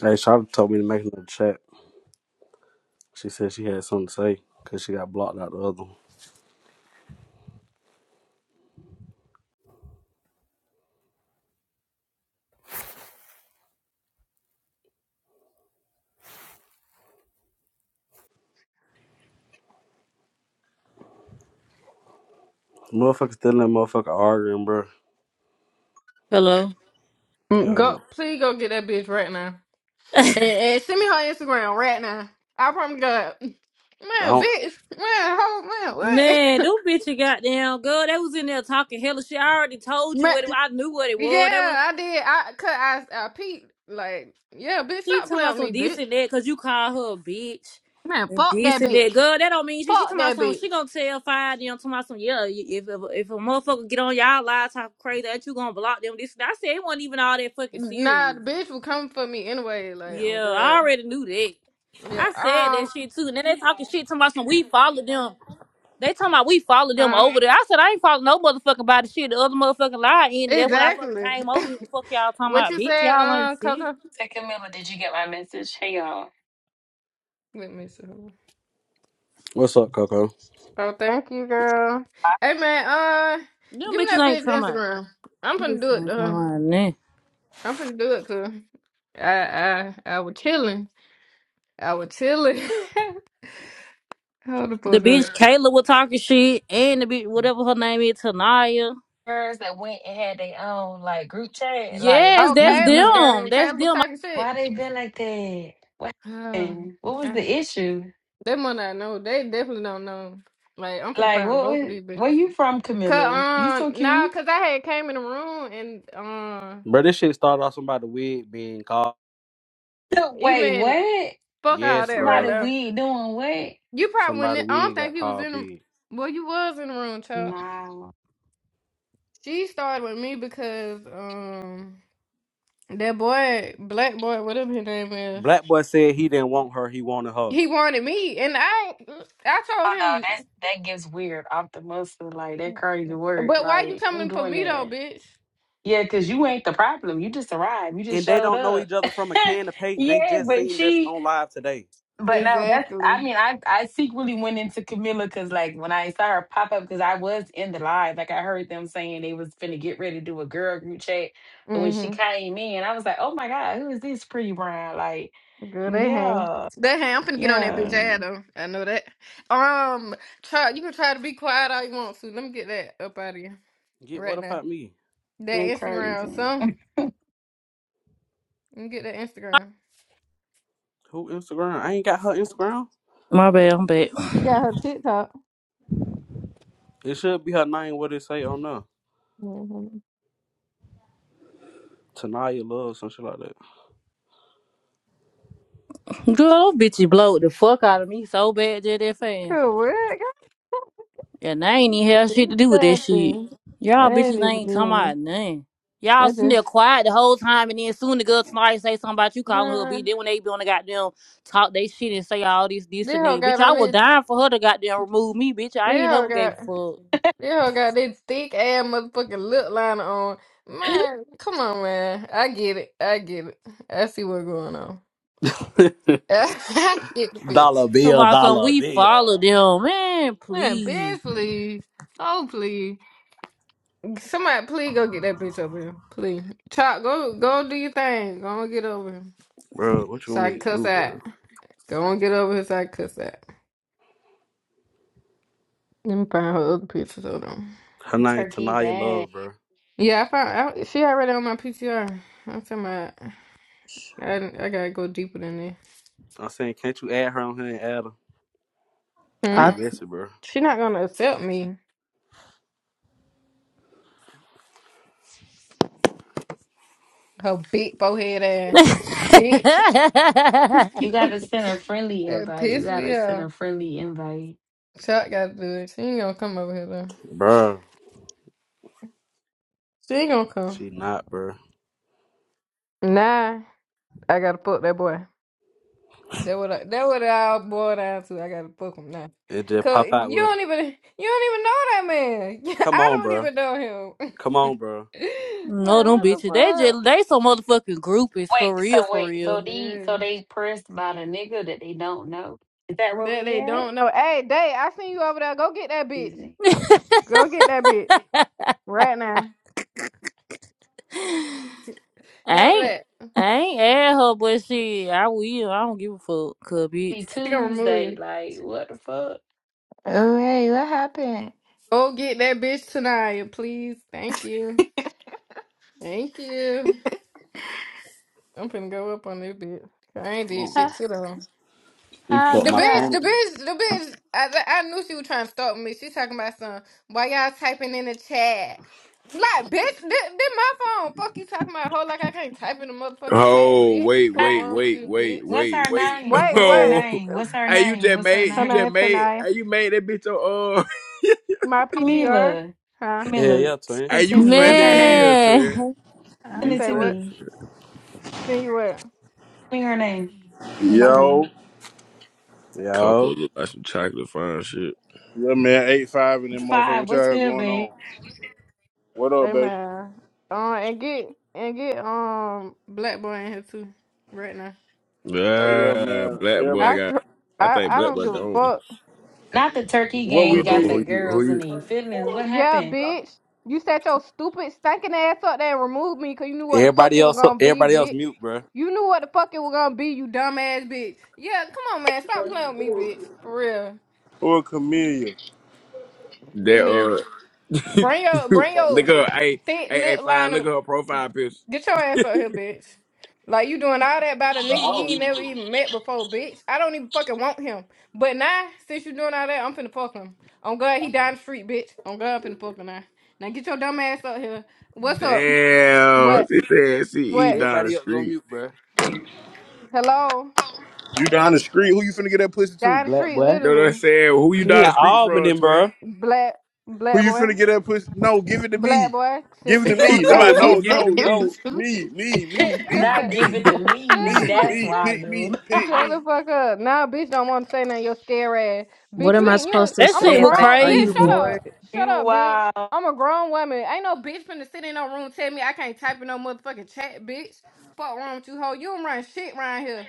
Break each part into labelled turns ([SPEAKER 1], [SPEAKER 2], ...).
[SPEAKER 1] Hey, Shawty told me to make another chat. She said she had something to say because she got blocked out the other one. Motherfuckers still in that motherfucker arguing, bro.
[SPEAKER 2] Hello.
[SPEAKER 3] Mm,
[SPEAKER 1] Yo,
[SPEAKER 3] Go, please go get that bitch right now. And, and send me her Instagram right now. I promise God.
[SPEAKER 1] I
[SPEAKER 3] Man,
[SPEAKER 1] don't.
[SPEAKER 3] bitch. Man, hold man, what?
[SPEAKER 2] Man, them bitch goddamn girl, they was in there talking hella shit. I already told you what it,
[SPEAKER 3] Man,
[SPEAKER 2] I knew what it was. That was
[SPEAKER 3] yeah, I did. I cut I I peeped. Like, yeah, bitch,
[SPEAKER 2] she
[SPEAKER 3] stop
[SPEAKER 2] talking
[SPEAKER 3] playing
[SPEAKER 2] about
[SPEAKER 3] with
[SPEAKER 2] some
[SPEAKER 3] me,
[SPEAKER 2] this
[SPEAKER 3] bitch.
[SPEAKER 2] and that because you call her a bitch
[SPEAKER 3] Man,
[SPEAKER 2] and
[SPEAKER 3] fuck that
[SPEAKER 2] this and
[SPEAKER 3] bitch.
[SPEAKER 2] that. Girl, that don't mean shit. She
[SPEAKER 3] Fuck
[SPEAKER 2] talking about
[SPEAKER 3] that
[SPEAKER 2] something. She
[SPEAKER 3] bitch.
[SPEAKER 2] gonna tell five them talking about some. Yeah, y- if if, if a motherfucker get on y'all live talking crazy, that you gonna block them. This and that. I said it wasn't even all that fucking
[SPEAKER 3] Nah, the
[SPEAKER 2] serious.
[SPEAKER 3] bitch will come for me anyway, like, oh
[SPEAKER 2] Yeah, I
[SPEAKER 3] god.
[SPEAKER 2] already knew that.
[SPEAKER 3] Yeah.
[SPEAKER 2] I said that
[SPEAKER 3] Um
[SPEAKER 2] shit too. Now they talking shit talking about some. We follow them. They talking about we follow them
[SPEAKER 3] huh.
[SPEAKER 2] over there. I said I ain't follow no motherfucking body shit. The other motherfucking lie ended. That's when I fucking
[SPEAKER 3] Exactly.
[SPEAKER 2] came over here. Fuck y'all talking
[SPEAKER 3] what
[SPEAKER 2] about
[SPEAKER 3] you
[SPEAKER 2] bitch.
[SPEAKER 3] said,
[SPEAKER 2] Y'all ain't
[SPEAKER 3] um,
[SPEAKER 2] shit.
[SPEAKER 3] Coco?
[SPEAKER 4] Second Miller, did you get my message? Hey y'all.
[SPEAKER 3] Let me see.
[SPEAKER 1] What's up, Coco?
[SPEAKER 3] Oh, thank you, girl. Hey, man, uh,
[SPEAKER 2] Them
[SPEAKER 3] give me that
[SPEAKER 2] bitches ain't
[SPEAKER 3] bitch
[SPEAKER 2] talking about.
[SPEAKER 3] Instagram. I'm finna
[SPEAKER 2] bitches
[SPEAKER 3] do it
[SPEAKER 2] ain't
[SPEAKER 3] to
[SPEAKER 2] talking
[SPEAKER 3] her.
[SPEAKER 2] about nothing.
[SPEAKER 3] I'm finna do it to her. I, I, I was chilling. I was chilling. Hold the
[SPEAKER 2] The
[SPEAKER 3] fuck
[SPEAKER 2] bitch
[SPEAKER 3] up.
[SPEAKER 2] Kayla was talking shit and the bitch whatever her name is Tanaya.
[SPEAKER 4] Girls that went and had their own like group chat, like
[SPEAKER 2] Yes,
[SPEAKER 3] Oh,
[SPEAKER 2] that's
[SPEAKER 4] these these
[SPEAKER 3] Kayla.
[SPEAKER 2] them.
[SPEAKER 4] girls.
[SPEAKER 2] That's
[SPEAKER 3] Kayla was
[SPEAKER 2] them.
[SPEAKER 3] talking shit.
[SPEAKER 4] Why they been like that? What
[SPEAKER 3] Oh,
[SPEAKER 4] happened? What was
[SPEAKER 3] ah,
[SPEAKER 4] the issue?
[SPEAKER 3] they must not know. They definitely don't know. Like, I'm finna
[SPEAKER 4] Like
[SPEAKER 3] find
[SPEAKER 4] what
[SPEAKER 3] both of
[SPEAKER 4] was,
[SPEAKER 3] these bitches.
[SPEAKER 4] where you from,
[SPEAKER 3] Cause,
[SPEAKER 4] Camilla? You so
[SPEAKER 3] um, nah,
[SPEAKER 4] cute.
[SPEAKER 3] cause I had came in the room and, uh,
[SPEAKER 1] Bro, this shit started off somebody wig being called.
[SPEAKER 4] Wait,
[SPEAKER 3] even,
[SPEAKER 4] what?
[SPEAKER 3] fuck all
[SPEAKER 1] Yes,
[SPEAKER 3] that right
[SPEAKER 1] bro.
[SPEAKER 4] Somebody
[SPEAKER 3] now.
[SPEAKER 4] weird doing what?
[SPEAKER 3] You probably
[SPEAKER 1] Somebody
[SPEAKER 3] wouldn't. I don't
[SPEAKER 1] wig got
[SPEAKER 3] think you was
[SPEAKER 1] called
[SPEAKER 3] in the.
[SPEAKER 1] big.
[SPEAKER 3] Well, you was in the room, child.
[SPEAKER 4] Nah.
[SPEAKER 3] She started with me because um that boy, black boy, whatever his name is,
[SPEAKER 1] Black boy said he didn't want her. He wanted her.
[SPEAKER 3] he wanted me, and I I
[SPEAKER 4] Oh
[SPEAKER 3] told
[SPEAKER 4] no,
[SPEAKER 3] him,
[SPEAKER 4] that's that gets weird off the muscle, like that crazy work.
[SPEAKER 3] but why you
[SPEAKER 4] Like who
[SPEAKER 3] coming for
[SPEAKER 4] doing
[SPEAKER 3] me though,
[SPEAKER 4] that?
[SPEAKER 3] bitch?
[SPEAKER 4] Yeah, because you ain't the problem. You just arrived. You just
[SPEAKER 1] And they
[SPEAKER 4] showed
[SPEAKER 1] don't know
[SPEAKER 4] up.
[SPEAKER 1] each other from a can of paint. They
[SPEAKER 4] yeah,
[SPEAKER 1] just
[SPEAKER 4] but
[SPEAKER 1] seen this
[SPEAKER 4] she,
[SPEAKER 1] on live today.
[SPEAKER 4] but no, that's, I
[SPEAKER 3] Exactly.
[SPEAKER 4] mean, I, I secretly went into Camilla because, like, when I saw her pop up, because I was in the live, like, I heard them saying they was finna get ready to do a girl group chat. But when she
[SPEAKER 3] Mhm.
[SPEAKER 4] came in, I was like, oh my God, who is this pretty brown? Like,
[SPEAKER 3] Girl, they hang.
[SPEAKER 4] yeah,
[SPEAKER 3] They hang. I'm finna get on that bitch
[SPEAKER 4] yeah,
[SPEAKER 3] ad though. I know that. Um, try. You can try to be quiet all you want to. Let me get that up out of you
[SPEAKER 1] Get what
[SPEAKER 3] right now.
[SPEAKER 1] about me?
[SPEAKER 3] That
[SPEAKER 4] that crazy.
[SPEAKER 3] Instagram, son. Let me get that Instagram.
[SPEAKER 1] Who Instagram? I ain't got her Instagram.
[SPEAKER 2] My bad. I'm back.
[SPEAKER 3] You got her TikTok.
[SPEAKER 1] It should be her name. What it say on there?
[SPEAKER 3] Mm-hmm.
[SPEAKER 1] Tanaya Love, some shit like
[SPEAKER 2] Girl, those bitches blowed the fuck out of me so bad, just that fast.
[SPEAKER 3] Correct.
[SPEAKER 2] Yeah, And I ain't
[SPEAKER 3] I
[SPEAKER 2] even
[SPEAKER 3] didn't
[SPEAKER 2] have shit
[SPEAKER 3] do
[SPEAKER 2] to do with that shit.
[SPEAKER 3] nothing.
[SPEAKER 2] Y'all
[SPEAKER 3] I ain't
[SPEAKER 2] bitches
[SPEAKER 3] even
[SPEAKER 2] ain't talking about
[SPEAKER 3] doing
[SPEAKER 2] nothing.
[SPEAKER 3] it.
[SPEAKER 2] Y'all
[SPEAKER 3] I
[SPEAKER 2] sitting there
[SPEAKER 3] just
[SPEAKER 2] quiet the whole time, and then soon the girl tonight say something about you calling her a bitch.
[SPEAKER 3] man,
[SPEAKER 2] Then when they be on the goddamn talk they shit and say all this, this
[SPEAKER 3] this
[SPEAKER 2] and
[SPEAKER 3] hoe
[SPEAKER 2] that, bitch,
[SPEAKER 3] got
[SPEAKER 2] I
[SPEAKER 3] on
[SPEAKER 2] was
[SPEAKER 3] this.
[SPEAKER 2] dying for her to goddamn remove me, bitch. I
[SPEAKER 3] This
[SPEAKER 2] ain't
[SPEAKER 3] hoe
[SPEAKER 2] never gave a
[SPEAKER 3] got.
[SPEAKER 2] fuck.
[SPEAKER 3] This hoe got this thick ass motherfucking lip liner on. Man, come on, man. I get it. I get it. I see what's going on.
[SPEAKER 1] that.
[SPEAKER 3] I get the bitch.
[SPEAKER 1] Dollar
[SPEAKER 2] Talking
[SPEAKER 1] bill,
[SPEAKER 2] about something,
[SPEAKER 1] dollar
[SPEAKER 2] we follow
[SPEAKER 1] bill.
[SPEAKER 2] them, man.
[SPEAKER 3] Man,
[SPEAKER 2] Please.
[SPEAKER 3] bitch, please. Oh, please. Somebody, please go get that bitch over here. Please. Chop, go, go do your thing. Go and get over here.
[SPEAKER 1] Bro, what you
[SPEAKER 3] So
[SPEAKER 1] want
[SPEAKER 3] I
[SPEAKER 1] me
[SPEAKER 3] can
[SPEAKER 1] to
[SPEAKER 3] cuss
[SPEAKER 1] do,
[SPEAKER 3] at.
[SPEAKER 1] bro?
[SPEAKER 3] Go and get over here so I can cuss at. Let me find her other pictures. of them.
[SPEAKER 1] Her name
[SPEAKER 4] Turkey
[SPEAKER 1] Tanaya
[SPEAKER 4] bag.
[SPEAKER 1] Love, bro.
[SPEAKER 3] Yeah, I found. I, she already on my PTR. I'm talking about. I, I gotta go deeper than that.
[SPEAKER 1] I'm saying, can't you add her on here and add her? I
[SPEAKER 3] Hmm?
[SPEAKER 2] I
[SPEAKER 1] ain't missing, bro.
[SPEAKER 3] She not gonna accept me. Her big forehead ass bitch.
[SPEAKER 4] You gotta send a friendly
[SPEAKER 3] that
[SPEAKER 4] invite. You
[SPEAKER 3] piss
[SPEAKER 4] gotta
[SPEAKER 3] me
[SPEAKER 4] send
[SPEAKER 3] off.
[SPEAKER 4] a friendly invite.
[SPEAKER 3] Chuck gotta do it. She ain't gonna come over here though.
[SPEAKER 1] Bro,
[SPEAKER 3] She ain't gonna come.
[SPEAKER 1] she not, bro.
[SPEAKER 3] Nah, I gotta fuck that boy. That what I, that what I boiled down to. I gotta fuck him now.
[SPEAKER 1] It just
[SPEAKER 3] Cause
[SPEAKER 1] pop out
[SPEAKER 3] you
[SPEAKER 1] with her.
[SPEAKER 3] don't even you don't even know that man.
[SPEAKER 1] Come
[SPEAKER 3] I
[SPEAKER 1] on,
[SPEAKER 3] don't
[SPEAKER 1] bro.
[SPEAKER 3] even know him.
[SPEAKER 1] Come on, bro.
[SPEAKER 2] no,
[SPEAKER 3] like
[SPEAKER 2] them
[SPEAKER 3] what the
[SPEAKER 2] bitches, they
[SPEAKER 3] fuck?
[SPEAKER 2] just they some motherfucking groupies for
[SPEAKER 4] Wait,
[SPEAKER 2] real,
[SPEAKER 4] so
[SPEAKER 2] for
[SPEAKER 4] wait, so
[SPEAKER 2] real.
[SPEAKER 4] they
[SPEAKER 3] Yeah.
[SPEAKER 4] so they pressed about a nigga that they don't know. Is that where
[SPEAKER 3] That
[SPEAKER 4] we
[SPEAKER 3] they
[SPEAKER 4] at?
[SPEAKER 3] don't know. Hey, Day, I seen you over there. Go get that
[SPEAKER 4] Is
[SPEAKER 3] bitch.
[SPEAKER 4] it
[SPEAKER 3] Go get that bitch right now.
[SPEAKER 2] I
[SPEAKER 3] Hell
[SPEAKER 2] ain't,
[SPEAKER 3] that.
[SPEAKER 2] I ain't add her, but shit, I will. I don't give a fuck, cuz bitch.
[SPEAKER 4] be
[SPEAKER 3] She gonna remove you.
[SPEAKER 4] Tuesday? Like what the fuck?
[SPEAKER 5] Oh, hey, what happened?
[SPEAKER 3] Go get that bitch tonight, please. Thank you. Thank you. I'm finna go up on this bitch. I ain't
[SPEAKER 1] Come
[SPEAKER 3] did
[SPEAKER 5] How,
[SPEAKER 1] on.
[SPEAKER 3] shit to them.
[SPEAKER 1] Let me
[SPEAKER 5] how
[SPEAKER 3] The
[SPEAKER 5] I
[SPEAKER 1] plug
[SPEAKER 5] do
[SPEAKER 1] my
[SPEAKER 3] bitch,
[SPEAKER 1] phone.
[SPEAKER 5] that?
[SPEAKER 3] the
[SPEAKER 1] up.
[SPEAKER 3] bitch, the bitch. I, I knew she was trying to stalk me. She talking about some. Why y'all typing in the chat? Like, bitch, this, this my phone. Fuck you talking about, hoe, like I can't type in the motherfucking chat,
[SPEAKER 6] Oh
[SPEAKER 3] bitch.
[SPEAKER 6] wait,
[SPEAKER 3] Fuck
[SPEAKER 6] wait,
[SPEAKER 4] Name.
[SPEAKER 3] wrong with
[SPEAKER 6] wait,
[SPEAKER 3] you,
[SPEAKER 6] wait,
[SPEAKER 3] bitch.
[SPEAKER 4] What's
[SPEAKER 6] wait,
[SPEAKER 4] her
[SPEAKER 6] wait.
[SPEAKER 4] name?
[SPEAKER 3] Wait,
[SPEAKER 4] What's her
[SPEAKER 3] what?
[SPEAKER 6] Oh,
[SPEAKER 4] name? What's her
[SPEAKER 6] hey, you
[SPEAKER 4] name?
[SPEAKER 6] just
[SPEAKER 4] What's her
[SPEAKER 6] made
[SPEAKER 3] Her
[SPEAKER 6] you
[SPEAKER 4] name?
[SPEAKER 6] just
[SPEAKER 3] name
[SPEAKER 6] made
[SPEAKER 3] tonight.
[SPEAKER 6] hey, you made that bitch your uh.
[SPEAKER 3] My PTR?
[SPEAKER 4] Camila.
[SPEAKER 3] Huh?
[SPEAKER 1] Hell
[SPEAKER 4] Camila,
[SPEAKER 1] yeah,
[SPEAKER 4] send
[SPEAKER 1] twin.
[SPEAKER 6] Hey,
[SPEAKER 4] it to
[SPEAKER 6] you
[SPEAKER 4] me. What's
[SPEAKER 6] funny
[SPEAKER 4] her
[SPEAKER 6] as
[SPEAKER 4] name?
[SPEAKER 6] hell, twin.
[SPEAKER 2] Man,
[SPEAKER 5] Uh,
[SPEAKER 4] Send
[SPEAKER 3] You
[SPEAKER 6] You
[SPEAKER 4] it
[SPEAKER 3] say
[SPEAKER 4] to
[SPEAKER 6] funny.
[SPEAKER 3] what?
[SPEAKER 4] me.
[SPEAKER 6] Twin.
[SPEAKER 3] Send you what?
[SPEAKER 4] Send me her name. Send it to
[SPEAKER 3] Okay.
[SPEAKER 4] me.
[SPEAKER 7] Yo,
[SPEAKER 6] Coco
[SPEAKER 1] Yo.
[SPEAKER 6] look like some chocolate fine shit.
[SPEAKER 7] yeah, man, eight five and then motherfucker.
[SPEAKER 4] Five.
[SPEAKER 7] What
[SPEAKER 4] What's
[SPEAKER 7] y'all got
[SPEAKER 4] good,
[SPEAKER 7] going
[SPEAKER 4] babe?
[SPEAKER 7] on? What up, baby?
[SPEAKER 3] Amen. Um, and get, and get, um, Black Boy in here too, right now.
[SPEAKER 7] Oh yeah,
[SPEAKER 6] Ah,
[SPEAKER 7] man.
[SPEAKER 6] black boy
[SPEAKER 7] Everybody,
[SPEAKER 3] I,
[SPEAKER 6] got.
[SPEAKER 3] tr-
[SPEAKER 6] I
[SPEAKER 3] I,
[SPEAKER 6] think
[SPEAKER 3] I
[SPEAKER 6] black
[SPEAKER 3] don't
[SPEAKER 6] boy
[SPEAKER 3] give a
[SPEAKER 6] gone.
[SPEAKER 3] fuck.
[SPEAKER 4] Not the turkey
[SPEAKER 7] what
[SPEAKER 4] gang
[SPEAKER 7] we
[SPEAKER 6] Hold on,
[SPEAKER 4] got
[SPEAKER 6] who
[SPEAKER 7] did
[SPEAKER 4] the
[SPEAKER 6] you who
[SPEAKER 4] girls in
[SPEAKER 6] you?
[SPEAKER 4] their feelings. What
[SPEAKER 3] Yeah,
[SPEAKER 4] happened?
[SPEAKER 3] bitch. You set your stupid, stinking ass up there and removed me because you knew what the fuck
[SPEAKER 1] Everybody
[SPEAKER 3] it was
[SPEAKER 1] else,
[SPEAKER 3] gonna be,
[SPEAKER 1] everybody else
[SPEAKER 3] bitch.
[SPEAKER 1] mute, bro.
[SPEAKER 3] You knew what the fuck it was gonna be, you dumb ass bitch. Yeah, come on, man. Stop playing with me, bitch. For real.
[SPEAKER 7] for a chameleon?
[SPEAKER 3] Did me.
[SPEAKER 6] That uh,
[SPEAKER 3] Bring your bring
[SPEAKER 6] look
[SPEAKER 3] your
[SPEAKER 6] at her. Hey,
[SPEAKER 3] thick
[SPEAKER 6] hey, hey,
[SPEAKER 3] lip
[SPEAKER 6] fine.
[SPEAKER 3] line
[SPEAKER 6] Look
[SPEAKER 3] of
[SPEAKER 6] at her profile picture.
[SPEAKER 3] Get your ass up here, bitch. Like you doing all that about a nigga you ain't never even met before, bitch. I don't even fucking want him. But now, since you doing all that, I'm finna fuck him. On God, he down the street, bitch. On God, I'm finna fuck him now. Now get your dumb ass up here. What's up?
[SPEAKER 6] Damn,
[SPEAKER 3] What?
[SPEAKER 6] she said she he
[SPEAKER 3] What?
[SPEAKER 6] down the
[SPEAKER 1] Everybody else go
[SPEAKER 6] street.
[SPEAKER 1] mute, bro.
[SPEAKER 3] Hello?
[SPEAKER 7] You down the street? Who you finna get that pussy
[SPEAKER 1] The
[SPEAKER 7] to?
[SPEAKER 3] Down the
[SPEAKER 1] Black
[SPEAKER 3] street,
[SPEAKER 1] boy.
[SPEAKER 6] know what I'm
[SPEAKER 3] literally.
[SPEAKER 6] saying? Who you
[SPEAKER 1] She in
[SPEAKER 6] down the street
[SPEAKER 1] Albany,
[SPEAKER 6] from, twin?
[SPEAKER 1] bro.
[SPEAKER 3] Black,
[SPEAKER 7] Who
[SPEAKER 3] black
[SPEAKER 7] you
[SPEAKER 3] boy,
[SPEAKER 7] finna get that pussy? No, give it to me.
[SPEAKER 3] black boy.
[SPEAKER 7] Give
[SPEAKER 3] Seeing
[SPEAKER 7] it to
[SPEAKER 3] bitch
[SPEAKER 6] he
[SPEAKER 3] wanna
[SPEAKER 7] me.
[SPEAKER 6] thought
[SPEAKER 7] No,
[SPEAKER 3] cry.
[SPEAKER 6] about no,
[SPEAKER 5] You
[SPEAKER 7] no,
[SPEAKER 6] give
[SPEAKER 5] said
[SPEAKER 6] it to
[SPEAKER 7] no,
[SPEAKER 5] it
[SPEAKER 6] me.
[SPEAKER 5] was
[SPEAKER 7] no. Me,
[SPEAKER 5] me.
[SPEAKER 7] me, me, me,
[SPEAKER 4] Not give
[SPEAKER 7] me,
[SPEAKER 4] it to
[SPEAKER 3] Shut
[SPEAKER 4] me.
[SPEAKER 3] up.
[SPEAKER 7] me,
[SPEAKER 4] That's
[SPEAKER 7] me. Pick me,
[SPEAKER 4] wild.
[SPEAKER 7] pick
[SPEAKER 3] Shut
[SPEAKER 7] me.
[SPEAKER 3] the fuck up. Now, bitch, don't want to say nothing. Your scare ass.
[SPEAKER 8] What
[SPEAKER 3] Bitch, you
[SPEAKER 8] am I
[SPEAKER 3] ain't you.
[SPEAKER 8] supposed to
[SPEAKER 2] that
[SPEAKER 3] I'm a
[SPEAKER 2] shit
[SPEAKER 8] say?
[SPEAKER 2] was
[SPEAKER 8] Like,
[SPEAKER 3] grown
[SPEAKER 8] are
[SPEAKER 3] bitch.
[SPEAKER 8] you
[SPEAKER 2] crazy.
[SPEAKER 3] Shut
[SPEAKER 8] bored?
[SPEAKER 3] up. Shut
[SPEAKER 4] You
[SPEAKER 3] up, bitch.
[SPEAKER 4] wow.
[SPEAKER 3] I'm a grown woman. Ain't no bitch finna sit in no room tell me I can't type in no motherfucking chat, bitch. Fuck wrong with you, hoe. You don't run shit around here,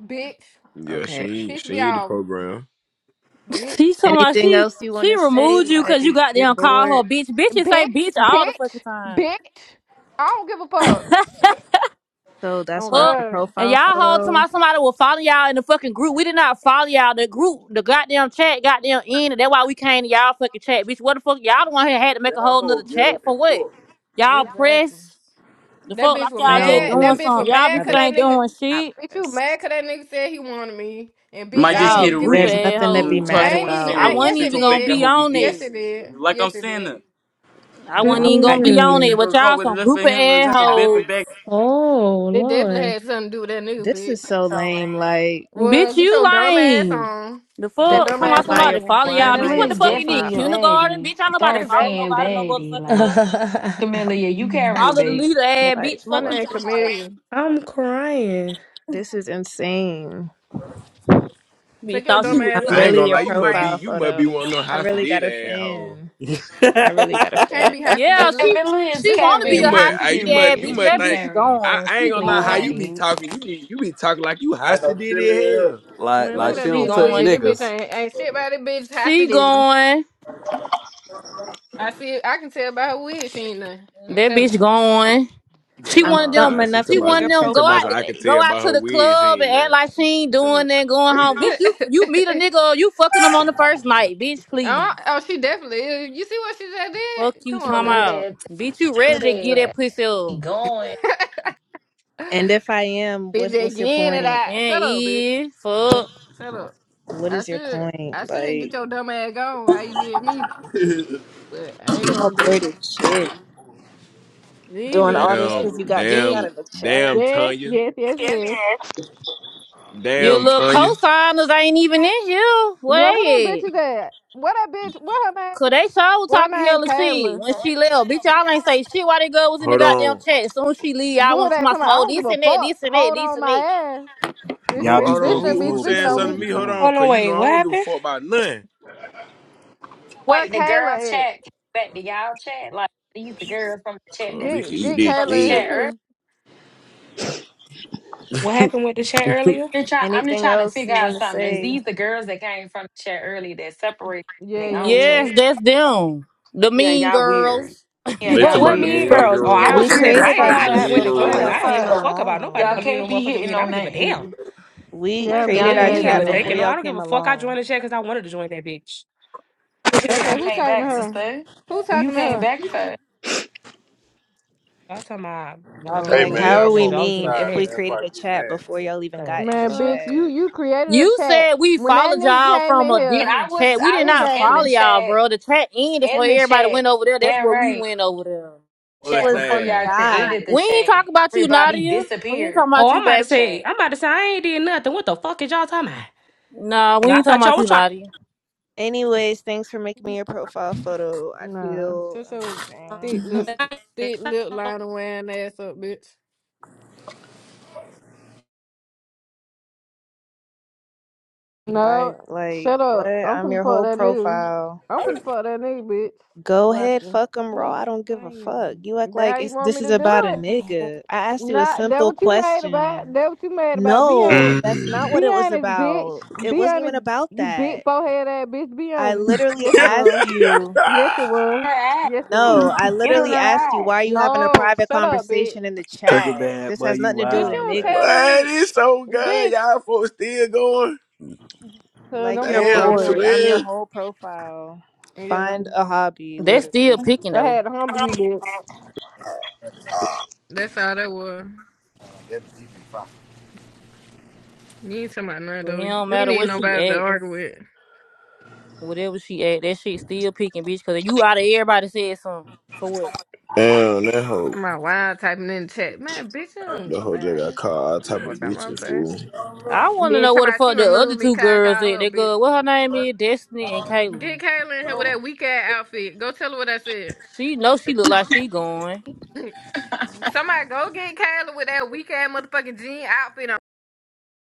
[SPEAKER 3] bitch.
[SPEAKER 6] Yeah,
[SPEAKER 8] Okay.
[SPEAKER 6] she ain't
[SPEAKER 3] Piss me
[SPEAKER 6] she ain't the
[SPEAKER 3] off,
[SPEAKER 6] program.
[SPEAKER 3] bitch.
[SPEAKER 2] She talking about
[SPEAKER 8] Anything
[SPEAKER 2] she,
[SPEAKER 8] else you want
[SPEAKER 2] she
[SPEAKER 8] to say?
[SPEAKER 2] removed you cause you
[SPEAKER 8] Like,
[SPEAKER 2] got
[SPEAKER 8] you're
[SPEAKER 2] them call
[SPEAKER 8] bored,
[SPEAKER 2] her bitch. Bitches say
[SPEAKER 3] Bitch,
[SPEAKER 2] bitch all the fucking
[SPEAKER 3] bitch,
[SPEAKER 2] time.
[SPEAKER 3] bitch. I don't give a fuck.
[SPEAKER 8] so that's
[SPEAKER 3] Oh
[SPEAKER 8] why I'm
[SPEAKER 2] Fuck.
[SPEAKER 8] your
[SPEAKER 3] God.
[SPEAKER 2] And
[SPEAKER 8] profile
[SPEAKER 2] y'all hold
[SPEAKER 8] photo.
[SPEAKER 2] somebody, somebody will follow y'all in the fucking group. We did not follow y'all. The group, the goddamn chat, goddamn ended. That's why we came to y'all fucking chat, bitch. What the fuck? Y'all the one who had to make a
[SPEAKER 7] Y'all
[SPEAKER 2] whole
[SPEAKER 7] whole
[SPEAKER 2] nother
[SPEAKER 7] ghetto
[SPEAKER 2] chat
[SPEAKER 7] and
[SPEAKER 2] for what?
[SPEAKER 7] fuck.
[SPEAKER 2] Y'all
[SPEAKER 3] Exactly.
[SPEAKER 2] press. The
[SPEAKER 3] That
[SPEAKER 2] fuck
[SPEAKER 3] bitch
[SPEAKER 2] like
[SPEAKER 3] was
[SPEAKER 2] y'all just
[SPEAKER 8] No,
[SPEAKER 3] mad. That
[SPEAKER 2] doing
[SPEAKER 8] we
[SPEAKER 3] bitch
[SPEAKER 8] made
[SPEAKER 3] was
[SPEAKER 2] something. Y'all
[SPEAKER 3] mad
[SPEAKER 2] bitches
[SPEAKER 8] another
[SPEAKER 2] ain't
[SPEAKER 3] 'cause
[SPEAKER 2] doing
[SPEAKER 8] chat
[SPEAKER 2] shit.
[SPEAKER 3] Bitch, you
[SPEAKER 8] press.
[SPEAKER 3] mad cause that nigga said he wanted me. And bitch,
[SPEAKER 9] Might
[SPEAKER 3] I
[SPEAKER 9] just
[SPEAKER 3] ain't
[SPEAKER 2] Y'all
[SPEAKER 9] hit a
[SPEAKER 3] even
[SPEAKER 2] group
[SPEAKER 3] giving.
[SPEAKER 2] of
[SPEAKER 8] There's
[SPEAKER 9] random.
[SPEAKER 8] nothing to
[SPEAKER 9] You
[SPEAKER 8] be
[SPEAKER 9] know,
[SPEAKER 2] assholes.
[SPEAKER 9] talk
[SPEAKER 3] I
[SPEAKER 8] mad
[SPEAKER 9] to one
[SPEAKER 3] ain't
[SPEAKER 9] of
[SPEAKER 3] even.
[SPEAKER 2] I
[SPEAKER 3] I,
[SPEAKER 9] Sander,
[SPEAKER 8] about.
[SPEAKER 2] wasn't
[SPEAKER 9] which
[SPEAKER 3] yes,
[SPEAKER 9] is
[SPEAKER 3] it
[SPEAKER 2] even
[SPEAKER 9] on
[SPEAKER 2] gonna
[SPEAKER 9] back that
[SPEAKER 2] be
[SPEAKER 3] did.
[SPEAKER 9] hoe be
[SPEAKER 2] on
[SPEAKER 3] Yes,
[SPEAKER 2] it.
[SPEAKER 3] it
[SPEAKER 9] dancing.
[SPEAKER 3] did.
[SPEAKER 9] Like I'm
[SPEAKER 3] Yes, it did.
[SPEAKER 9] saying,
[SPEAKER 2] I
[SPEAKER 8] Why
[SPEAKER 2] wasn't
[SPEAKER 8] would
[SPEAKER 2] even
[SPEAKER 8] I
[SPEAKER 2] gonna
[SPEAKER 8] give?
[SPEAKER 2] be
[SPEAKER 9] we
[SPEAKER 2] on it,
[SPEAKER 9] just
[SPEAKER 10] Mm-mm.
[SPEAKER 2] but
[SPEAKER 9] gonna call
[SPEAKER 2] y'all
[SPEAKER 9] with a
[SPEAKER 2] some
[SPEAKER 9] left
[SPEAKER 2] group of
[SPEAKER 9] hand and just a
[SPEAKER 11] So
[SPEAKER 9] bip
[SPEAKER 2] assholes.
[SPEAKER 9] and back.
[SPEAKER 10] Oh,
[SPEAKER 3] It definitely
[SPEAKER 10] Lord.
[SPEAKER 3] had something to do with that nigga,
[SPEAKER 8] This is
[SPEAKER 3] bitch.
[SPEAKER 8] so lame.
[SPEAKER 11] lame.
[SPEAKER 8] Like,
[SPEAKER 3] Well,
[SPEAKER 2] Bitch,
[SPEAKER 3] get
[SPEAKER 2] you
[SPEAKER 3] your dumb ass
[SPEAKER 2] lame.
[SPEAKER 3] on.
[SPEAKER 2] The
[SPEAKER 3] Get
[SPEAKER 8] then
[SPEAKER 3] your
[SPEAKER 2] fuck?
[SPEAKER 3] dumb
[SPEAKER 2] Talking
[SPEAKER 8] why am
[SPEAKER 2] about
[SPEAKER 3] ass
[SPEAKER 8] I
[SPEAKER 2] somebody
[SPEAKER 8] your?
[SPEAKER 3] on, man.
[SPEAKER 2] follow
[SPEAKER 8] Why
[SPEAKER 2] y'all.
[SPEAKER 8] am
[SPEAKER 2] Bitch,
[SPEAKER 8] I
[SPEAKER 4] Camilla
[SPEAKER 2] what
[SPEAKER 8] your
[SPEAKER 2] the
[SPEAKER 4] is
[SPEAKER 2] fuck you did?
[SPEAKER 4] definitely a
[SPEAKER 8] profile?
[SPEAKER 2] Kindergarten?
[SPEAKER 4] baddie.
[SPEAKER 2] Bitch, ain't nobody
[SPEAKER 4] Dark
[SPEAKER 2] follow
[SPEAKER 4] skinned
[SPEAKER 3] Exactly.
[SPEAKER 2] nobody no
[SPEAKER 4] baddie.
[SPEAKER 2] motherfucking
[SPEAKER 4] Like
[SPEAKER 2] well.
[SPEAKER 4] Camilla, yeah, you carrying
[SPEAKER 2] Follow the
[SPEAKER 4] babe.
[SPEAKER 2] leader
[SPEAKER 4] Yeah.
[SPEAKER 2] ass
[SPEAKER 8] Like,
[SPEAKER 2] bitch.
[SPEAKER 3] My
[SPEAKER 2] Fuck
[SPEAKER 8] what?
[SPEAKER 2] you
[SPEAKER 3] name
[SPEAKER 2] talking about.
[SPEAKER 3] Camellia.
[SPEAKER 10] I'm crying.
[SPEAKER 8] This is insane.
[SPEAKER 2] Bitch
[SPEAKER 3] Take your
[SPEAKER 2] thought she
[SPEAKER 3] dumb
[SPEAKER 6] You,
[SPEAKER 2] was
[SPEAKER 8] I'm
[SPEAKER 3] ass
[SPEAKER 2] bigger
[SPEAKER 6] I
[SPEAKER 3] on,
[SPEAKER 2] than
[SPEAKER 6] ain't
[SPEAKER 2] the
[SPEAKER 8] really
[SPEAKER 6] gonna
[SPEAKER 3] bitch.
[SPEAKER 6] lie,
[SPEAKER 8] your
[SPEAKER 6] you must be
[SPEAKER 2] program.
[SPEAKER 8] profile
[SPEAKER 6] you must be
[SPEAKER 8] photo.
[SPEAKER 6] one of them
[SPEAKER 11] Yes,
[SPEAKER 8] I
[SPEAKER 6] how she
[SPEAKER 8] really
[SPEAKER 6] did
[SPEAKER 8] got a
[SPEAKER 6] asshole.
[SPEAKER 8] fan. I really got a
[SPEAKER 3] She
[SPEAKER 8] fan.
[SPEAKER 3] can't be hostage.
[SPEAKER 2] Yeah,
[SPEAKER 3] Look,
[SPEAKER 2] she
[SPEAKER 4] Camilla is
[SPEAKER 2] she
[SPEAKER 3] look at this
[SPEAKER 2] wanna be
[SPEAKER 6] You
[SPEAKER 2] a
[SPEAKER 3] bitch.
[SPEAKER 2] high
[SPEAKER 6] must
[SPEAKER 4] carrying,
[SPEAKER 6] I,
[SPEAKER 2] city
[SPEAKER 6] you
[SPEAKER 2] ass
[SPEAKER 6] must you
[SPEAKER 4] period.
[SPEAKER 2] bitch.
[SPEAKER 6] must
[SPEAKER 2] That
[SPEAKER 4] She
[SPEAKER 6] think
[SPEAKER 2] bitch is
[SPEAKER 4] carrying.
[SPEAKER 6] I,
[SPEAKER 2] going.
[SPEAKER 6] I ain't
[SPEAKER 2] She
[SPEAKER 6] gonna
[SPEAKER 4] Definitely
[SPEAKER 6] lie
[SPEAKER 4] a
[SPEAKER 6] how you
[SPEAKER 2] going.
[SPEAKER 6] be
[SPEAKER 4] baddie.
[SPEAKER 6] talking. You be you be talking like you
[SPEAKER 7] I
[SPEAKER 6] how she
[SPEAKER 7] know
[SPEAKER 6] did
[SPEAKER 7] chilling
[SPEAKER 6] in
[SPEAKER 7] here.
[SPEAKER 6] hell.
[SPEAKER 1] like,
[SPEAKER 3] Man, look at
[SPEAKER 1] like
[SPEAKER 2] Fuck,
[SPEAKER 1] she
[SPEAKER 3] that
[SPEAKER 2] she
[SPEAKER 1] don't
[SPEAKER 3] bitch
[SPEAKER 1] touch
[SPEAKER 2] going.
[SPEAKER 3] weird. This bitch
[SPEAKER 1] niggas.
[SPEAKER 3] ain't, ain't shit about this bitch
[SPEAKER 2] She
[SPEAKER 3] hostage.
[SPEAKER 2] going.
[SPEAKER 3] I see. I can tell by her wig she ain't nothing. I'm
[SPEAKER 2] That
[SPEAKER 3] telling
[SPEAKER 2] bitch going. She
[SPEAKER 8] I'm
[SPEAKER 2] one of
[SPEAKER 6] Nah,
[SPEAKER 2] them.
[SPEAKER 8] something
[SPEAKER 6] nah. She
[SPEAKER 8] enough
[SPEAKER 6] talking
[SPEAKER 2] She
[SPEAKER 8] to be
[SPEAKER 2] one of
[SPEAKER 8] your
[SPEAKER 6] about she
[SPEAKER 2] them.
[SPEAKER 6] talking
[SPEAKER 2] Go
[SPEAKER 6] about
[SPEAKER 2] out.
[SPEAKER 8] profile,
[SPEAKER 6] something I could
[SPEAKER 8] babe.
[SPEAKER 2] Go
[SPEAKER 6] tell
[SPEAKER 2] out
[SPEAKER 6] by
[SPEAKER 2] to
[SPEAKER 6] her
[SPEAKER 2] the
[SPEAKER 6] wig she
[SPEAKER 2] club and
[SPEAKER 6] ain't
[SPEAKER 2] act
[SPEAKER 6] there.
[SPEAKER 2] like she ain't doing
[SPEAKER 3] you.
[SPEAKER 2] that. Going
[SPEAKER 3] Tell
[SPEAKER 2] home, bitch. You you
[SPEAKER 3] her.
[SPEAKER 2] meet a nigga. You fucking him on the first night, bitch.
[SPEAKER 3] Oh,
[SPEAKER 2] Please.
[SPEAKER 3] oh, she definitely is. You see what she just
[SPEAKER 2] Fuck
[SPEAKER 3] did?
[SPEAKER 2] you,
[SPEAKER 3] Come
[SPEAKER 4] Take
[SPEAKER 3] on
[SPEAKER 2] talking
[SPEAKER 4] through
[SPEAKER 3] now.
[SPEAKER 2] out.
[SPEAKER 4] that, take
[SPEAKER 2] Bitch, you
[SPEAKER 4] through
[SPEAKER 2] ready to get that
[SPEAKER 4] that.
[SPEAKER 2] pussy
[SPEAKER 4] He
[SPEAKER 2] up?
[SPEAKER 4] going.
[SPEAKER 8] And if I am, what
[SPEAKER 3] bitch
[SPEAKER 8] what's your
[SPEAKER 3] again and
[SPEAKER 8] point?
[SPEAKER 3] I
[SPEAKER 2] Yeah,
[SPEAKER 3] shut up, bitch.
[SPEAKER 2] yeah. Fuck.
[SPEAKER 3] Shut up.
[SPEAKER 8] What
[SPEAKER 3] I
[SPEAKER 8] is your
[SPEAKER 3] should I
[SPEAKER 8] point?
[SPEAKER 3] should get
[SPEAKER 8] Like
[SPEAKER 3] your dumb ass gone how you did me. But I ain't
[SPEAKER 8] y'all
[SPEAKER 3] gonna do
[SPEAKER 8] bored
[SPEAKER 3] it.
[SPEAKER 8] as shit. Doing
[SPEAKER 3] Nene.
[SPEAKER 8] all this
[SPEAKER 6] Damn,
[SPEAKER 8] because you got kicked
[SPEAKER 2] Then
[SPEAKER 8] out
[SPEAKER 6] damn,
[SPEAKER 8] of a chat.
[SPEAKER 6] damn
[SPEAKER 3] Yes,
[SPEAKER 6] Tanya.
[SPEAKER 3] yes, yes, yes.
[SPEAKER 11] yes.
[SPEAKER 2] your
[SPEAKER 6] Damn
[SPEAKER 3] Bitch.
[SPEAKER 2] little
[SPEAKER 6] Tanya.
[SPEAKER 2] cosigners ain't even in here.
[SPEAKER 3] Yeah,
[SPEAKER 2] Where
[SPEAKER 3] what them
[SPEAKER 2] they at?
[SPEAKER 3] bitches at? What that bitch what her name
[SPEAKER 2] Cause
[SPEAKER 3] is?
[SPEAKER 2] they sure was
[SPEAKER 3] What her
[SPEAKER 2] talking
[SPEAKER 3] name
[SPEAKER 2] hella shit
[SPEAKER 3] Kayla.
[SPEAKER 2] when
[SPEAKER 11] When
[SPEAKER 2] she left.
[SPEAKER 11] she
[SPEAKER 2] Bitch,
[SPEAKER 11] left, bitch,
[SPEAKER 2] y'all ain't
[SPEAKER 11] y'all
[SPEAKER 2] say
[SPEAKER 11] ain't say
[SPEAKER 2] shit
[SPEAKER 11] shit.
[SPEAKER 2] while that girl was in the
[SPEAKER 6] Hold
[SPEAKER 2] goddamn
[SPEAKER 6] on.
[SPEAKER 2] chat. Soon as she leave, y'all
[SPEAKER 3] Who
[SPEAKER 2] want to talk
[SPEAKER 3] that talking
[SPEAKER 2] about some,
[SPEAKER 3] about? I
[SPEAKER 2] oh,
[SPEAKER 3] don't
[SPEAKER 2] this
[SPEAKER 3] give a
[SPEAKER 2] and that,
[SPEAKER 3] fuck.
[SPEAKER 2] this and that,
[SPEAKER 3] Hold
[SPEAKER 2] this
[SPEAKER 3] on
[SPEAKER 2] and
[SPEAKER 3] my
[SPEAKER 2] that.
[SPEAKER 3] ass. Bitch
[SPEAKER 1] Y'all
[SPEAKER 6] Who
[SPEAKER 1] be
[SPEAKER 6] hold
[SPEAKER 3] bitch
[SPEAKER 6] on,
[SPEAKER 1] smooth, be
[SPEAKER 3] shouldn't
[SPEAKER 6] who
[SPEAKER 3] be
[SPEAKER 6] who
[SPEAKER 1] smooth, be
[SPEAKER 3] speaking
[SPEAKER 6] saying
[SPEAKER 3] on me.
[SPEAKER 1] smooth,
[SPEAKER 6] something to
[SPEAKER 1] be
[SPEAKER 6] me? Hold
[SPEAKER 1] smooth.
[SPEAKER 6] on,
[SPEAKER 10] Hold on,
[SPEAKER 6] cause you know
[SPEAKER 10] wait.
[SPEAKER 6] I
[SPEAKER 10] What
[SPEAKER 6] don't give a
[SPEAKER 10] happened?
[SPEAKER 6] fuck about nothing.
[SPEAKER 3] Where
[SPEAKER 4] Wait, the girl
[SPEAKER 3] Kayla at?
[SPEAKER 4] chat back to y'all chat. Like these the girls from the chat
[SPEAKER 6] Cause
[SPEAKER 4] that's
[SPEAKER 6] we can
[SPEAKER 3] Get get
[SPEAKER 6] eat
[SPEAKER 4] from the
[SPEAKER 3] Kayla in here
[SPEAKER 4] chat
[SPEAKER 6] it
[SPEAKER 4] earlier.
[SPEAKER 3] too.
[SPEAKER 10] What
[SPEAKER 6] dead.
[SPEAKER 10] happened with the chat earlier?
[SPEAKER 4] I'm just trying, I'm just
[SPEAKER 8] Anything
[SPEAKER 4] trying to
[SPEAKER 8] else
[SPEAKER 4] figure
[SPEAKER 8] you
[SPEAKER 4] out
[SPEAKER 8] want to
[SPEAKER 4] something. Is
[SPEAKER 8] say?
[SPEAKER 4] these the girls that came from the chat early that separate
[SPEAKER 3] Yeah,
[SPEAKER 4] their
[SPEAKER 3] yeah,
[SPEAKER 4] own
[SPEAKER 3] yeah.
[SPEAKER 2] Yes,
[SPEAKER 4] chat?
[SPEAKER 2] that's them. The
[SPEAKER 4] Yeah,
[SPEAKER 2] mean
[SPEAKER 4] y'all weird.
[SPEAKER 2] girls.
[SPEAKER 4] Yeah,
[SPEAKER 6] They
[SPEAKER 10] What
[SPEAKER 6] talking
[SPEAKER 4] y'all
[SPEAKER 10] what
[SPEAKER 6] about the
[SPEAKER 10] mean
[SPEAKER 4] weird.
[SPEAKER 6] mean
[SPEAKER 10] girls? Oh, I was
[SPEAKER 6] girl.
[SPEAKER 8] We
[SPEAKER 4] Y'all
[SPEAKER 10] just
[SPEAKER 4] weird as
[SPEAKER 8] created
[SPEAKER 10] invited.
[SPEAKER 8] our
[SPEAKER 6] The
[SPEAKER 10] I
[SPEAKER 4] fuck.
[SPEAKER 10] just
[SPEAKER 8] chat
[SPEAKER 6] mean
[SPEAKER 10] went to
[SPEAKER 11] I'm like,
[SPEAKER 8] before
[SPEAKER 4] Weird
[SPEAKER 10] join.
[SPEAKER 8] y'all
[SPEAKER 6] girl.
[SPEAKER 4] as
[SPEAKER 10] I don't give
[SPEAKER 8] came
[SPEAKER 10] a
[SPEAKER 4] fuck.
[SPEAKER 10] fuck about nobody
[SPEAKER 4] Y'all
[SPEAKER 10] calling
[SPEAKER 8] along.
[SPEAKER 10] me no
[SPEAKER 4] can't be
[SPEAKER 10] motherfucking
[SPEAKER 4] hitting
[SPEAKER 10] mean. I
[SPEAKER 4] on
[SPEAKER 10] don't give a damn.
[SPEAKER 4] nothing.
[SPEAKER 8] We
[SPEAKER 10] I
[SPEAKER 3] Yeah,
[SPEAKER 10] ain't gonna
[SPEAKER 4] Y'all
[SPEAKER 3] bitch,
[SPEAKER 8] created
[SPEAKER 10] bully
[SPEAKER 4] ain't
[SPEAKER 8] our
[SPEAKER 3] very
[SPEAKER 10] me
[SPEAKER 4] hitting
[SPEAKER 10] into
[SPEAKER 4] on
[SPEAKER 8] chat
[SPEAKER 3] bad.
[SPEAKER 8] before
[SPEAKER 10] thinking. No,
[SPEAKER 8] y'all
[SPEAKER 10] I
[SPEAKER 4] nothing.
[SPEAKER 10] don't give
[SPEAKER 8] came
[SPEAKER 10] a fuck. I joined
[SPEAKER 8] along.
[SPEAKER 10] the chat because I wanted to join that bitch.
[SPEAKER 3] Okay,
[SPEAKER 4] You
[SPEAKER 3] who
[SPEAKER 4] came
[SPEAKER 3] talking to
[SPEAKER 4] back,
[SPEAKER 3] her?
[SPEAKER 4] sister.
[SPEAKER 3] Who
[SPEAKER 4] Well, you
[SPEAKER 3] talking to
[SPEAKER 4] came
[SPEAKER 3] her?
[SPEAKER 4] back for. I
[SPEAKER 10] Y'all talking about y'all
[SPEAKER 3] Oh,
[SPEAKER 7] Hey
[SPEAKER 10] being
[SPEAKER 8] Like,
[SPEAKER 3] okay.
[SPEAKER 7] man,
[SPEAKER 10] mean
[SPEAKER 8] how
[SPEAKER 7] y'all
[SPEAKER 8] are we
[SPEAKER 10] girls.
[SPEAKER 7] folk
[SPEAKER 10] Y'all
[SPEAKER 7] be
[SPEAKER 10] was in the
[SPEAKER 8] mean if
[SPEAKER 7] fine, man.
[SPEAKER 10] chat.
[SPEAKER 8] we
[SPEAKER 7] If
[SPEAKER 8] created
[SPEAKER 7] I
[SPEAKER 8] a chat before y'all even
[SPEAKER 10] So
[SPEAKER 8] got in the
[SPEAKER 3] Man, bitch,
[SPEAKER 10] fuck.
[SPEAKER 3] you
[SPEAKER 8] chat?
[SPEAKER 3] you created a
[SPEAKER 2] You
[SPEAKER 3] chat.
[SPEAKER 2] said we
[SPEAKER 3] When that
[SPEAKER 2] followed
[SPEAKER 3] nigga
[SPEAKER 2] y'all
[SPEAKER 3] came
[SPEAKER 2] from
[SPEAKER 3] in
[SPEAKER 2] a
[SPEAKER 4] mean,
[SPEAKER 3] here,
[SPEAKER 4] I
[SPEAKER 2] different
[SPEAKER 4] was
[SPEAKER 2] chat. We
[SPEAKER 4] I
[SPEAKER 2] did
[SPEAKER 4] was
[SPEAKER 2] not
[SPEAKER 4] in
[SPEAKER 2] follow
[SPEAKER 4] the
[SPEAKER 3] exactly.
[SPEAKER 2] y'all,
[SPEAKER 4] chat,
[SPEAKER 2] bro. The chat ended so
[SPEAKER 4] in the
[SPEAKER 2] everybody
[SPEAKER 4] chat.
[SPEAKER 2] went over there. That's
[SPEAKER 4] Damn
[SPEAKER 2] where we
[SPEAKER 4] right,
[SPEAKER 2] went over there.
[SPEAKER 8] It
[SPEAKER 6] What's
[SPEAKER 4] chat
[SPEAKER 8] was
[SPEAKER 4] before
[SPEAKER 8] the
[SPEAKER 6] that?
[SPEAKER 4] y'all created the
[SPEAKER 2] We ain't
[SPEAKER 8] guys.
[SPEAKER 4] chat.
[SPEAKER 2] talking about you,
[SPEAKER 4] Everybody
[SPEAKER 2] Nadia. We ain't
[SPEAKER 4] disappeared.
[SPEAKER 2] talking
[SPEAKER 10] Oh,
[SPEAKER 2] about you,
[SPEAKER 10] I'm about to
[SPEAKER 2] baby.
[SPEAKER 10] say.
[SPEAKER 4] Chat.
[SPEAKER 10] I'm about to say I ain't did nothing. What the fuck is y'all talking about?
[SPEAKER 2] Nah, we
[SPEAKER 10] Like, I
[SPEAKER 2] ain't talking
[SPEAKER 10] thought y'all
[SPEAKER 2] about
[SPEAKER 10] was
[SPEAKER 2] you,
[SPEAKER 10] trying.
[SPEAKER 2] Nadia.
[SPEAKER 8] Anyways, thanks for making me your profile photo. I
[SPEAKER 3] Nah.
[SPEAKER 8] feel
[SPEAKER 3] Shut your
[SPEAKER 8] amazing.
[SPEAKER 3] thick lip thick lip liner wearing ass up, bitch.
[SPEAKER 8] By
[SPEAKER 3] No,
[SPEAKER 8] like,
[SPEAKER 3] shut
[SPEAKER 8] what?
[SPEAKER 3] up. I'm
[SPEAKER 8] I'm
[SPEAKER 3] finna
[SPEAKER 8] your
[SPEAKER 3] fuck
[SPEAKER 8] whole
[SPEAKER 3] that nigga.
[SPEAKER 8] profile.
[SPEAKER 3] I'm finna fuck that nigga, bitch.
[SPEAKER 8] Go
[SPEAKER 3] What
[SPEAKER 8] ahead,
[SPEAKER 3] the?
[SPEAKER 8] fuck him raw.
[SPEAKER 10] I'm
[SPEAKER 8] I don't give a fuck.
[SPEAKER 10] crying.
[SPEAKER 8] You act
[SPEAKER 3] That how
[SPEAKER 8] like
[SPEAKER 3] you
[SPEAKER 8] it's
[SPEAKER 3] want
[SPEAKER 8] this
[SPEAKER 3] me
[SPEAKER 8] is
[SPEAKER 3] to do
[SPEAKER 8] about a
[SPEAKER 10] Oh,
[SPEAKER 8] nigga. I asked you a
[SPEAKER 3] Nah, that
[SPEAKER 8] simple
[SPEAKER 3] what you mad about.
[SPEAKER 8] question.
[SPEAKER 3] That what you mad about. Be
[SPEAKER 8] No,
[SPEAKER 3] honest.
[SPEAKER 8] that's not
[SPEAKER 6] Mm.
[SPEAKER 8] what
[SPEAKER 3] Be
[SPEAKER 8] it was
[SPEAKER 3] honest, bitch.
[SPEAKER 8] about. It
[SPEAKER 3] Be
[SPEAKER 8] wasn't even
[SPEAKER 3] honest,
[SPEAKER 8] about
[SPEAKER 3] you big
[SPEAKER 8] that.
[SPEAKER 3] forehead ass bitch. Be
[SPEAKER 8] I
[SPEAKER 3] honest.
[SPEAKER 8] literally
[SPEAKER 3] Yes, it
[SPEAKER 8] asked
[SPEAKER 3] was.
[SPEAKER 8] you.
[SPEAKER 3] Yes, it
[SPEAKER 4] Her
[SPEAKER 3] was.
[SPEAKER 4] ass.
[SPEAKER 3] Yes, it
[SPEAKER 11] No.
[SPEAKER 3] was.
[SPEAKER 8] No, I
[SPEAKER 4] Get on
[SPEAKER 8] literally
[SPEAKER 4] her
[SPEAKER 8] asked you
[SPEAKER 4] ass.
[SPEAKER 8] why are you having a
[SPEAKER 3] No,
[SPEAKER 8] private
[SPEAKER 3] shut up, bitch.
[SPEAKER 8] conversation in the
[SPEAKER 1] Turkey
[SPEAKER 8] chat?
[SPEAKER 1] bad,
[SPEAKER 8] This
[SPEAKER 1] boy,
[SPEAKER 8] has
[SPEAKER 1] you
[SPEAKER 8] nothing to do
[SPEAKER 3] Bitch,
[SPEAKER 8] with a
[SPEAKER 3] you
[SPEAKER 1] wild,
[SPEAKER 3] don't
[SPEAKER 1] man.
[SPEAKER 3] tell
[SPEAKER 8] nigga.
[SPEAKER 6] what
[SPEAKER 3] me,
[SPEAKER 6] is so good?
[SPEAKER 3] bitch,
[SPEAKER 6] Y'all folks still going?
[SPEAKER 3] cause
[SPEAKER 8] Like
[SPEAKER 3] I'm
[SPEAKER 8] you're
[SPEAKER 3] bored
[SPEAKER 6] Damn,
[SPEAKER 3] anyway.
[SPEAKER 8] bored. I'm your
[SPEAKER 6] twin.
[SPEAKER 8] whole profile.
[SPEAKER 3] Yeah.
[SPEAKER 8] Find a hobby,
[SPEAKER 2] That's
[SPEAKER 8] literally.
[SPEAKER 2] still picking
[SPEAKER 3] I
[SPEAKER 2] though.
[SPEAKER 3] had to humble you,
[SPEAKER 11] remember
[SPEAKER 3] bitch. That's all that was.
[SPEAKER 7] get mad.
[SPEAKER 3] You ain't talking about none though.
[SPEAKER 2] It
[SPEAKER 3] You
[SPEAKER 2] don't
[SPEAKER 3] ain't
[SPEAKER 2] matter
[SPEAKER 3] need
[SPEAKER 2] where she
[SPEAKER 3] nobody to
[SPEAKER 2] at.
[SPEAKER 3] argue with.
[SPEAKER 2] Whatever she at, that shit still picking, bitch. Cause you out of everybody said something for what?
[SPEAKER 6] Damn,
[SPEAKER 11] you
[SPEAKER 6] that hoe.
[SPEAKER 3] I'm out wild typing in the chat. Man, bitch, you
[SPEAKER 6] That
[SPEAKER 3] don't,
[SPEAKER 6] hoe just got
[SPEAKER 3] man,
[SPEAKER 6] caught all type of
[SPEAKER 3] fuck out my
[SPEAKER 6] bitches,
[SPEAKER 3] face.
[SPEAKER 6] fool.
[SPEAKER 2] I want to
[SPEAKER 3] Then
[SPEAKER 2] know what the
[SPEAKER 3] somebody she
[SPEAKER 2] fuck the other
[SPEAKER 3] removed me
[SPEAKER 2] two
[SPEAKER 3] because I
[SPEAKER 2] girls
[SPEAKER 3] called
[SPEAKER 2] at.
[SPEAKER 3] her a
[SPEAKER 2] That
[SPEAKER 3] bitch.
[SPEAKER 2] girl, what her name is, Destiny and
[SPEAKER 3] Get
[SPEAKER 2] Caitlyn.
[SPEAKER 3] Kayla in here with that weak ass outfit. Go tell her what I said.
[SPEAKER 2] She know she look like she
[SPEAKER 11] left.
[SPEAKER 2] going.
[SPEAKER 3] somebody go get Kayla with that weak ass motherfucking jean outfit